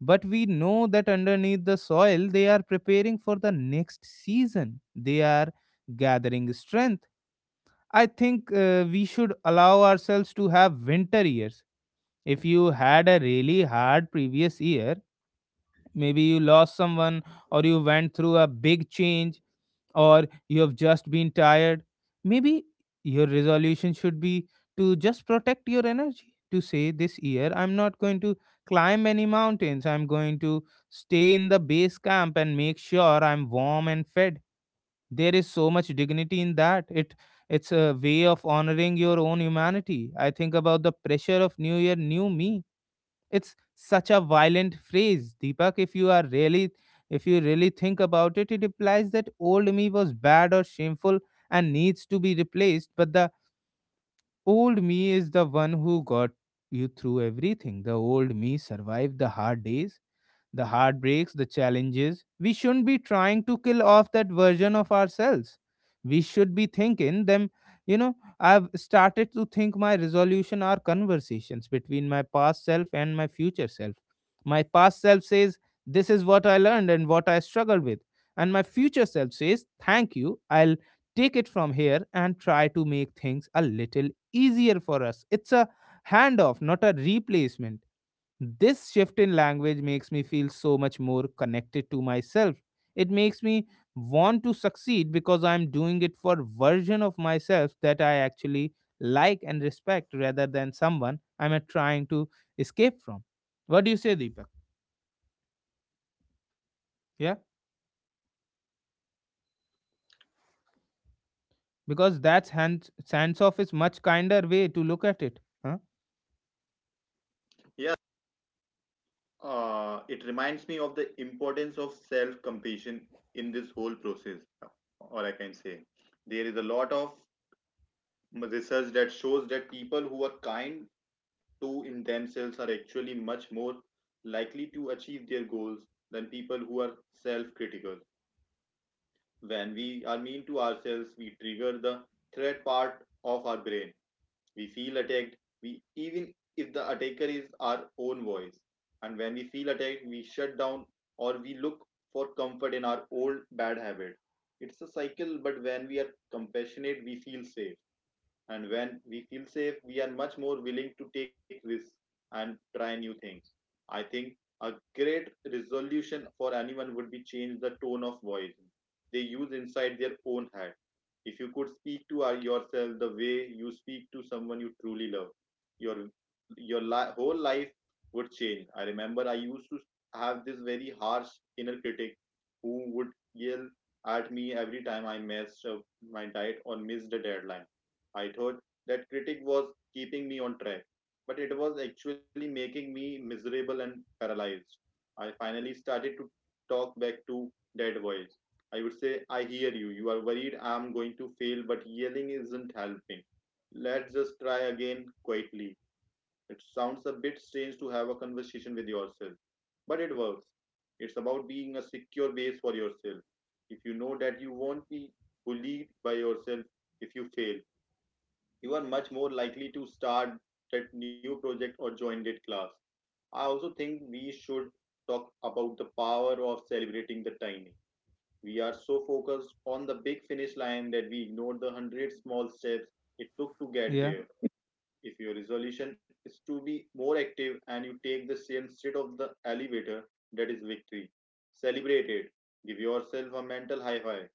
A: But we know that underneath the soil, they are preparing for the next season. They are gathering strength. I think uh, we should allow ourselves to have winter years. If you had a really hard previous year, maybe you lost someone or you went through a big change or you have just been tired. Maybe your resolution should be to just protect your energy. To say this year, I'm not going to climb any mountains, I'm going to stay in the base camp and make sure I'm warm and fed. There is so much dignity in that. It it's a way of honoring your own humanity. I think about the pressure of New Year, new me. It's such a violent phrase, Deepak. If you are really if you really think about it, it implies that old me was bad or shameful and needs to be replaced, but the old me is the one who got you through everything. The old me survived the hard days, the heartbreaks, the challenges. We shouldn't be trying to kill off that version of ourselves. We should be thinking them. you know, I've started to think my resolution are conversations between my past self and my future self. My past self says, "This is what I learned and what I struggled with." And my future self says, "Thank you. I'll take it from here and try to make things a little easier for us." It's a handoff, not a replacement. This shift in language makes me feel so much more connected to myself. It makes me want to succeed because I'm doing it for version of myself that I actually like and respect rather than someone I'm uh, trying to escape from. What do you say, Deepak? Yeah, because that's hands hands off is much kinder way to look at it. Huh?
B: Yeah. Uh, it reminds me of the importance of self compassion in this whole process, or I can say. There is a lot of research that shows that people who are kind to in themselves are actually much more likely to achieve their goals than people who are self critical. When we are mean to ourselves, we trigger the threat part of our brain. We feel attacked, we even if the attacker is our own voice. And when we feel attacked, we shut down or we look for comfort in our old bad habits. It's a cycle, but when we are compassionate, we feel safe. And when we feel safe, we are much more willing to take risks and try new things. I think a great resolution for anyone would be change the tone of voice they use inside their own head. If you could speak to our- yourself the way you speak to someone you truly love, your your li- whole life would change. I remember I used to have this very harsh inner critic who would yell at me every time I messed up my diet or missed a deadline. I thought that critic was keeping me on track, but it was actually making me miserable and paralyzed. I finally started to talk back to that voice. I would say, I hear you. You are worried I'm going to fail, but yelling isn't helping. Let's just try again quietly. It sounds a bit strange to have a conversation with yourself, but it works. It's about being a secure base for yourself. If you know that you won't be bullied by yourself if you fail, you are much more likely to start that new project or join that class. I also think we should talk about the power of celebrating the tiny. We are so focused on the big finish line that we ignore the hundred small steps it took to get
A: Yeah,
B: there. If your resolution is to be more active and you take the same instead of the elevator, that is victory. Celebrate it. Give yourself a mental high five.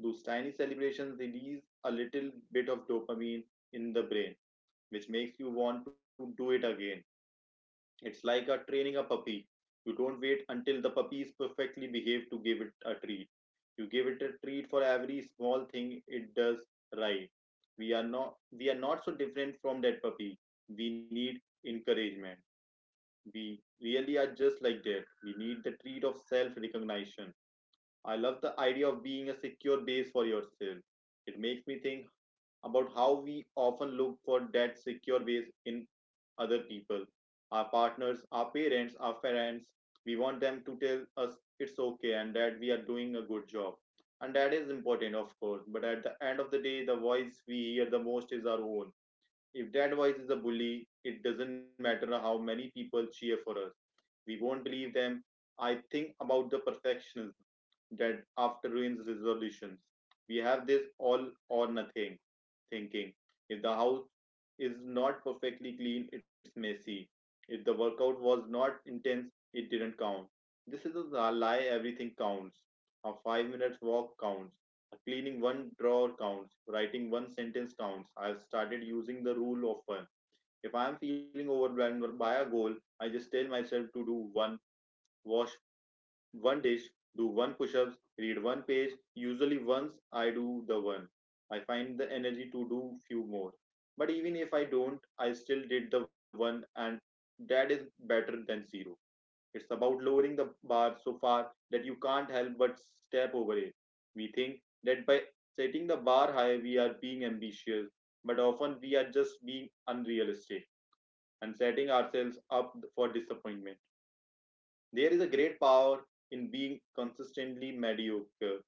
B: Those tiny celebrations release a little bit of dopamine in the brain which makes you want to do it again. It's like a training a puppy. You don't wait until the puppy is perfectly behaved to give it a treat. You give it a treat for every small thing it does right. We are not we are not so different from that puppy. We need encouragement. We really are just like that. We need the treat of self recognition. I love the idea of being a secure base for yourself. It makes me think about how we often look for that secure base in other people, our partners, our parents, our friends. We want them to tell us it's okay and that we are doing a good job. And that is important, of course. But at the end of the day, the voice we hear the most is our own. If that voice is a bully, it doesn't matter how many people cheer for us. We won't believe them. I think about the perfectionists that after ruins resolutions. We have this all or nothing thinking. If the house is not perfectly clean, it's messy. If the workout was not intense, it didn't count. This is a lie, everything counts. A five minute walk counts. A cleaning one drawer counts. Writing one sentence counts. I've started using the rule of one. If I'm feeling overwhelmed by a goal, I just tell myself to do one wash one dish, do one push ups, read one page. Usually, once I do the one, I find the energy to do few more. But even if I don't, I still did the one, and that is better than zero. It's about lowering the bar so far that you can't help but step over it. We think that by setting the bar high, we are being ambitious, but often we are just being unrealistic and setting ourselves up for disappointment. There is a great power in being consistently mediocre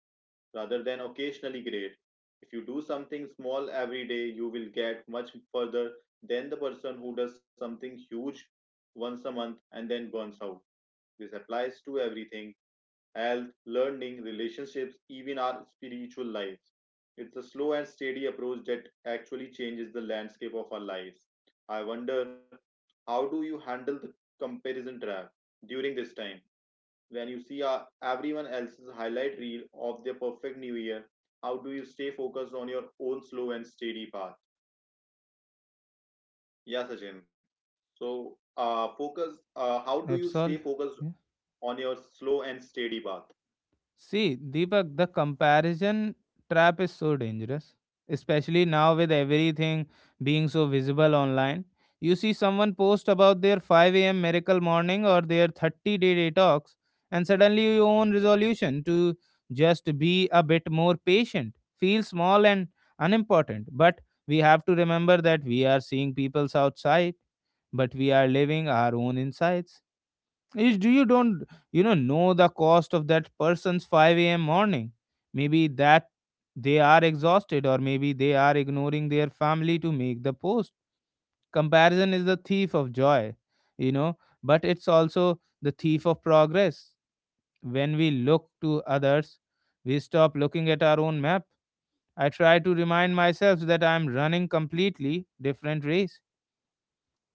B: rather than occasionally great. If you do something small every day, you will get much further than the person who does something huge once a month and then burns out. This applies to everything, health, learning, relationships, even our spiritual lives. It's a slow and steady approach that actually changes the landscape of our lives. I wonder, how do you handle the comparison trap during this time? When you see uh, everyone else's highlight reel of their perfect new year, how do you stay focused on your own slow and steady path? Yeah, Sachin, so uh, focus, uh, how do you stay focused
A: absolutely.
B: on your slow and steady path?
A: See, Deepak, the comparison trap is so dangerous, especially now with everything being so visible online. You see someone post about their five a m miracle morning or their thirty day detox, and suddenly your own resolution to just be a bit more patient feels small and unimportant. But we have to remember that we are seeing people's outside, but we are living our own insides. Is do you don't you know know the cost of that person's five a m? Maybe that they are exhausted, or maybe they are ignoring their family to make the post. Comparison is the thief of joy, you know but it's also the thief of progress. When we look to others, we stop looking at our own map. I try to remind myself that I am running completely different race.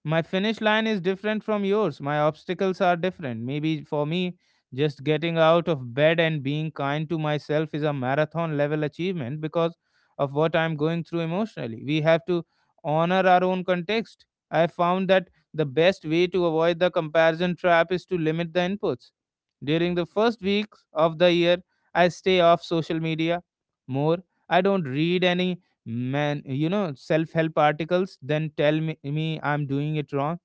A: My finish line is different from yours. My obstacles are different. Maybe for me, just getting out of bed and being kind to myself is a marathon level achievement because of what I'm going through emotionally. We have to honor our own context. I found that the best way to avoid the comparison trap is to limit the inputs. During the first weeks of the year, I stay off social media more. I don't read any man, you know, self-help articles then tell me, me I'm doing it wrong.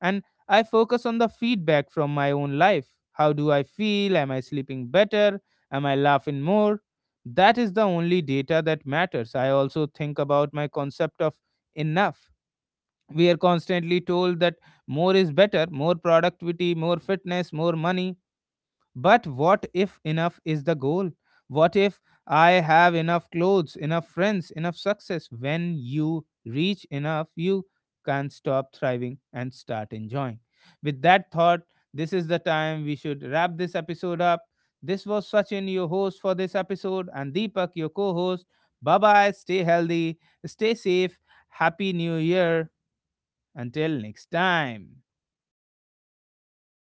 A: And I focus on the feedback from my own life. How do I feel? Am I sleeping better? Am I laughing more? That is the only data that matters. I also think about my concept of enough. We are constantly told that more is better, more productivity, more fitness, more money, but what if enough is the goal? What if I have enough clothes, enough friends, enough success? When you reach enough, you can stop thriving and start enjoying. With that thought, this is the time we should wrap this episode up. This was Sachin, your host for this episode, and Deepak, your co host. Bye bye, stay healthy, stay safe, happy new year. Until next time.